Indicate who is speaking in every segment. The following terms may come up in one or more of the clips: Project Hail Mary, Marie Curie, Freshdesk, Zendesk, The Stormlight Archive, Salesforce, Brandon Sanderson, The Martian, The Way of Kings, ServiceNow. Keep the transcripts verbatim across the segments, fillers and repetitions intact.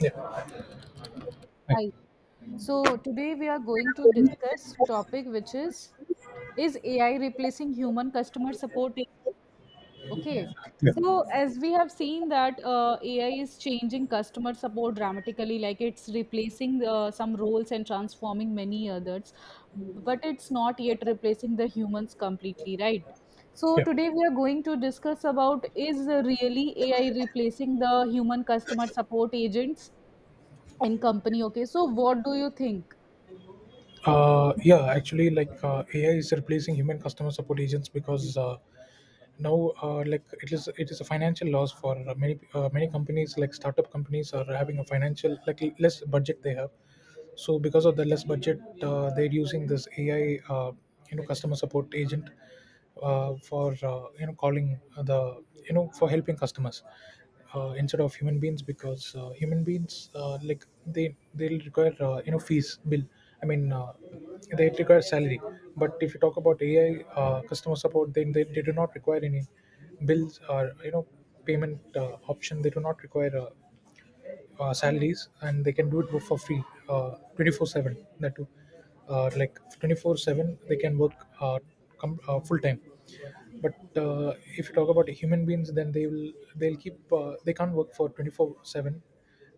Speaker 1: Yeah. right.
Speaker 2: Hi. So today we are going to discuss topic which is is A I replacing human customer support agent? Okay.
Speaker 1: Yeah.
Speaker 2: So as we have seen that uh, A I is changing customer support dramatically, like it's replacing uh, some roles and transforming many others, but it's not yet replacing the humans completely, right? So
Speaker 1: Yeah.
Speaker 2: today we are going to discuss about is really A I replacing the human customer support agents and company. Okay, so what do you think?
Speaker 1: Uh, yeah. Actually, like uh, A I is replacing human customer support agents because uh, now, uh, like it is, it is a financial loss for many uh, many companies. Like startup companies are having a financial like less budget they have, so because of the less budget uh, they're using this ai uh, you know customer support agent uh, for uh, you know calling the you know for helping customers uh, instead of human beings because uh, human beings uh, like they they'll require uh, you know fees bill i mean uh, they require salary. But if you talk about ai uh, customer support, then they, they do not require any bills or you know payment uh, option. They do not require a uh, salaries, and they can do it for free uh, twenty-four seven. That too uh, like twenty-four seven they can work, uh, com- uh, full time. But uh, if you talk about human beings, then they will they'll keep uh, they can't work for twenty-four seven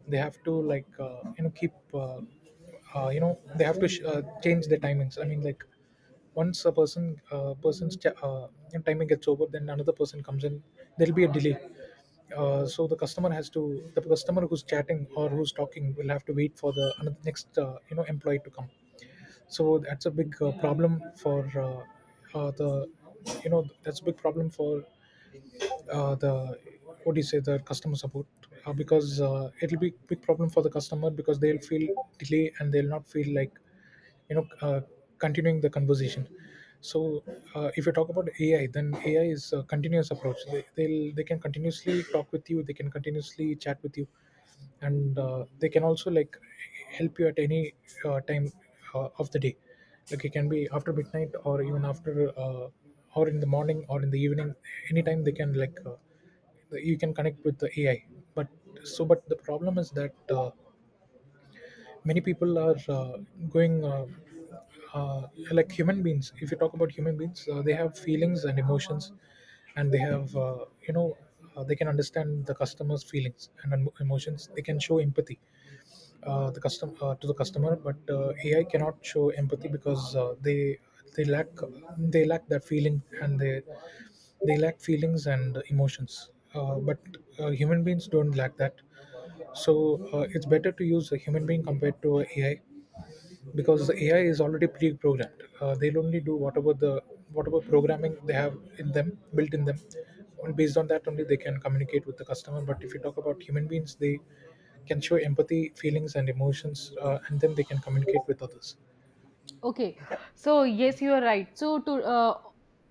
Speaker 1: they have to like uh, you know keep uh, uh, you know they have to sh- uh, change their timings. I mean like once a person uh, person's ch- uh, you know, timing gets over, then another person comes in. There'll be a delay, uh, so the customer has to — the customer who's chatting or who's talking will have to wait for the another next uh, you know employee to come. So that's a big uh, problem for uh, uh, the you know that's a big problem for uh, the what do you say, the customer support, uh, because uh, it'll be big problem for the customer because they'll feel delay and they'll not feel like you know uh, continuing the conversation. So uh, if you talk about ai, then ai is a continuous approach. They, they'll they can continuously talk with you, they can continuously chat with you, and uh, they can also like help you at any uh, time uh, of the day. Like it can be after midnight or even after uh, or in the morning or in the evening. Anytime they can like uh, you can connect with the ai. But so but the problem is that uh, many people are uh, going uh, uh, like human beings — if you talk about human beings, uh, they have feelings and emotions, and they have uh, you know uh, they can understand the customer's feelings and em- emotions. They can show empathy uh, the custom uh, to the customer. But uh, A I cannot show empathy because uh, they they lack they lack that feeling, and they they lack feelings and emotions. Uh, but uh, human beings don't lack that. So uh, it's better to use a human being compared to a AI, because the A I is already pre-programmed. Uh, they'll only do whatever the whatever programming they have in them, built in them, and based on that only they can communicate with the customer. But if you talk about human beings, they can show empathy, feelings, and emotions, uh, and then they can communicate with others.
Speaker 2: Okay, so yes, you are right. So to uh,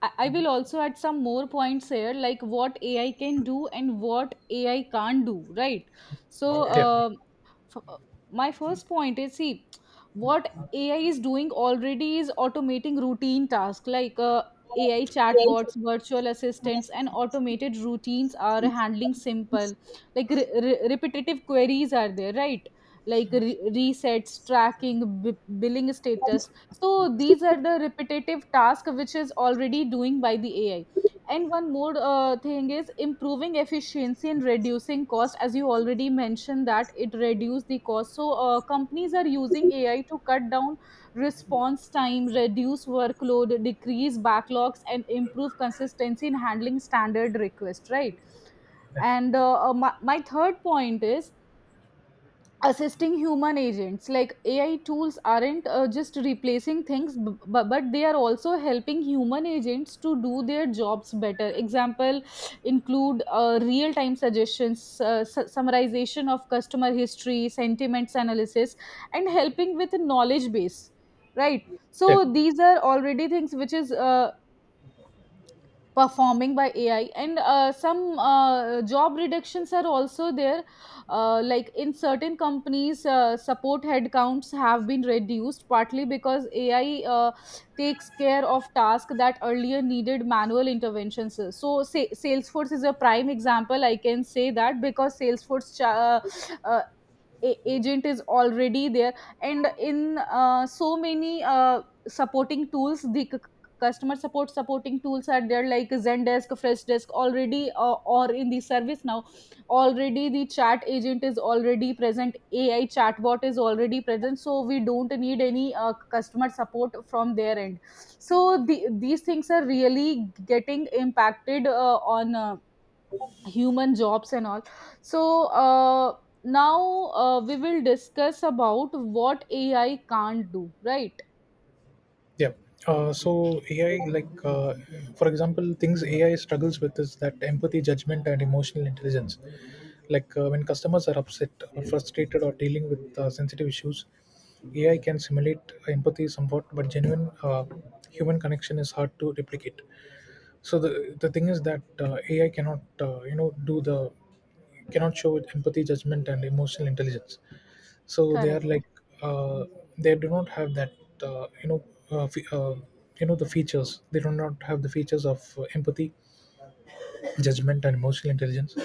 Speaker 2: I I will also add some more points here like what ai can do and what ai can't do, right? So
Speaker 1: Yeah,
Speaker 2: uh, F- uh, my first point is, see, what ai is doing already is automating routine tasks, like uh, ai chatbots, virtual assistants and automated routines are handling simple like re- re- repetitive queries are there, right? Like re- resets, tracking, b- billing status. So these are the repetitive tasks which is already doing by the ai. And one more uh, thing is improving efficiency and reducing cost. As you already mentioned that it reduce the cost, so uh, companies are using ai to cut down response time, reduce workload, decrease backlogs and improve consistency in handling standard requests, right? And uh, uh, my, my third point is assisting human agents, like ai tools aren't uh, just replacing things b- b- but they are also helping human agents to do their jobs better. Example include uh, real time suggestions, uh, su- summarization of customer history, sentiments analysis and helping with knowledge base, right?
Speaker 1: yeah.
Speaker 2: So these are already things which is uh, performing by ai. And uh, some uh, job reductions are also there. Uh, like in certain companies, uh, support headcounts have been reduced partly because ai uh, takes care of tasks that earlier needed manual interventions. So say, salesforce is a prime example, I can say that, because salesforce cha- uh, uh, a- agent is already there. And in uh, so many uh, supporting tools, the c- customer support supporting tools are there, like zendesk, freshdesk, already uh, or in the service now, already the chat agent is already present, ai chatbot is already present, so we don't need any uh, customer support from their end. So the, these things are really getting impacted uh, on uh, human jobs and all. So uh, now uh, we will discuss about what ai can't do, right?
Speaker 1: Yeah. Uh, so A I, like uh, for example, things A I struggles with is that empathy, judgment, and emotional intelligence. Like uh, when customers are upset or frustrated or dealing with uh, sensitive issues, A I can simulate empathy somewhat, but genuine uh, human connection is hard to replicate. So the the thing is that uh, A I cannot, uh, you know, do the cannot show empathy, judgment, and emotional intelligence. So they are
Speaker 2: Correct.
Speaker 1: like uh, they do not have that uh, you know uh, fe- uh, you know the features. They do not have the features of uh, empathy, judgment, and emotional intelligence.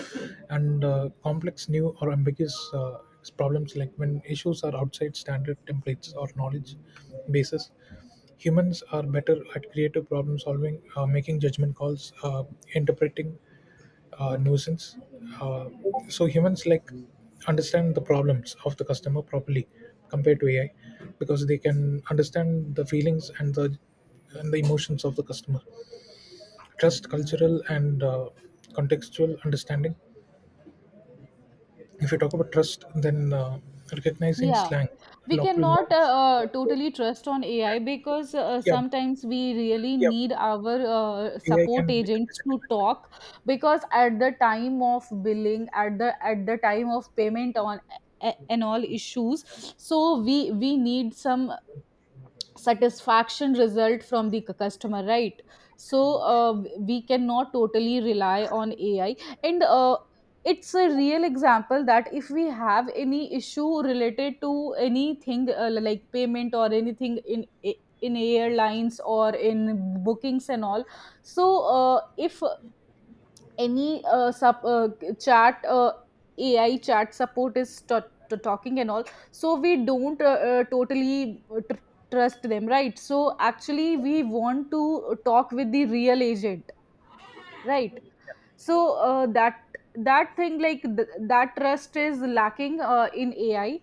Speaker 1: And uh, complex, new, or ambiguous uh, problems — like when issues are outside standard templates or knowledge bases, humans are better at creative problem solving, uh, making judgment calls, uh, interpreting uh, nuisance. Uh, so humans like understand the problems of the customer properly compared to A I, because they can understand the feelings and the and the emotions of the customer. Trust, cultural, and uh, contextual understanding. If you talk about trust, then uh, recognizing
Speaker 2: Yeah,
Speaker 1: slang,
Speaker 2: we
Speaker 1: local
Speaker 2: cannot uh,
Speaker 1: norms.
Speaker 2: uh, totally trust on ai, because uh,
Speaker 1: Yeah,
Speaker 2: sometimes we really
Speaker 1: yeah.
Speaker 2: need our uh,
Speaker 1: A I
Speaker 2: support
Speaker 1: can like
Speaker 2: agents
Speaker 1: detect
Speaker 2: to
Speaker 1: it.
Speaker 2: talk, because at the time of billing, at the at the time of payment on a- and all issues, so we we need some satisfaction result from the c- customer, right? So uh, we cannot totally rely on ai. And uh, it's a real example that if we have any issue related to anything uh, like payment or anything in in airlines or in bookings and all, so uh, if any uh, sub uh, chat uh, ai chat support is to- to talking and all, so we don't uh, uh, totally tr- trust them, right? So actually we want to talk with the real agent, right? So uh, that that thing like th- that trust is lacking uh, in ai.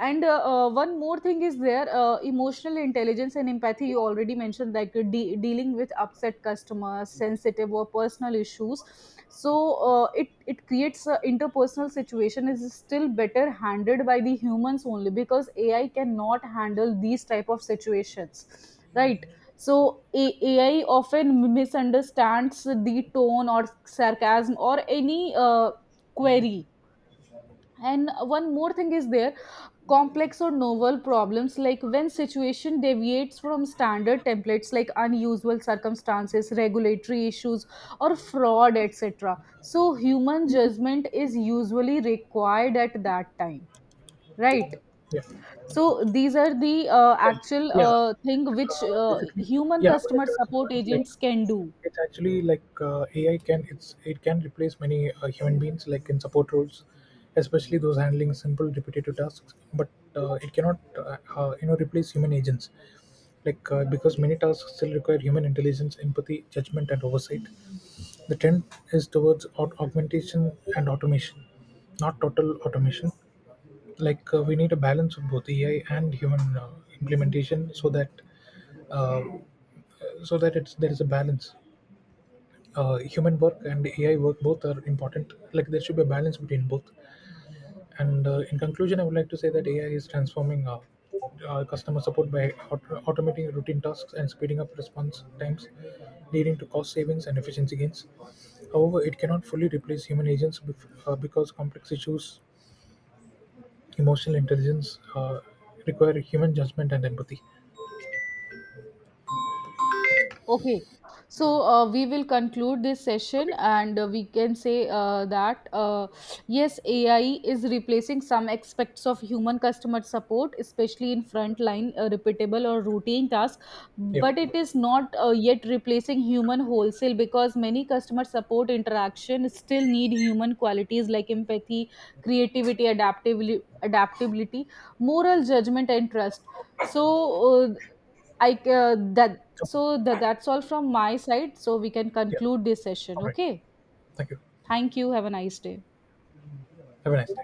Speaker 2: And uh, uh, one more thing is there, uh, emotional intelligence and empathy, you already mentioned, like uh, de- dealing with upset customers, sensitive or personal issues. So uh, it it creates uh, interpersonal situation is still better handled by the humans only, because ai cannot handle these type of situations, right? So A- ai often misunderstands the tone or sarcasm or any uh, query. And one more thing is there, complex or novel problems, like when situation deviates from standard templates, like unusual circumstances, regulatory issues or fraud, etc. So human judgment is usually required at that time, right?
Speaker 1: Yeah.
Speaker 2: So these are the uh,
Speaker 1: Yeah,
Speaker 2: actual
Speaker 1: yeah.
Speaker 2: uh, thing which
Speaker 1: Uh,
Speaker 2: uh,
Speaker 1: basically,
Speaker 2: human
Speaker 1: yeah, I would like
Speaker 2: customer
Speaker 1: to add some
Speaker 2: support
Speaker 1: points. Like,
Speaker 2: agents can do.
Speaker 1: it's actually like uh, A I can it's it can replace many uh, human beings like in support roles, especially those handling simple repetitive tasks. But uh, it cannot uh, uh, you know replace human agents, like uh, because many tasks still require human intelligence, empathy, judgment, and oversight. The trend is towards aug- augmentation and automation, not total automation. Like uh, we need a balance of both A I and human uh, implementation, so that uh, so that it's there is a balance. Uh, human work and A I work, both are important. Like there should be a balance between both. And uh, in conclusion, I would like to say that A I is transforming uh, uh, customer support by aut- automating routine tasks and speeding up response times, leading to cost savings and efficiency gains. However, it cannot fully replace human agents bef- uh, because complex issues, emotional intelligence, uh, require human judgment and empathy.
Speaker 2: Okay, so uh, we will conclude this session,
Speaker 1: Okay.
Speaker 2: and uh, we can say uh, that uh, yes, A I is replacing some aspects of human customer support, especially in frontline uh, repeatable or routine tasks,
Speaker 1: Yeah.
Speaker 2: but it is not uh, yet replacing human wholesale, because many customer support interaction still need human qualities like empathy, creativity, adaptability, adaptability, moral judgment, and trust. So uh, I uh, that so
Speaker 1: Okay.
Speaker 2: that that's all from my side. So we can
Speaker 1: Yeah.
Speaker 2: conclude this session.
Speaker 1: All right.
Speaker 2: Okay.
Speaker 1: Thank you.
Speaker 2: Thank you. Have a nice day.
Speaker 1: Have a nice day.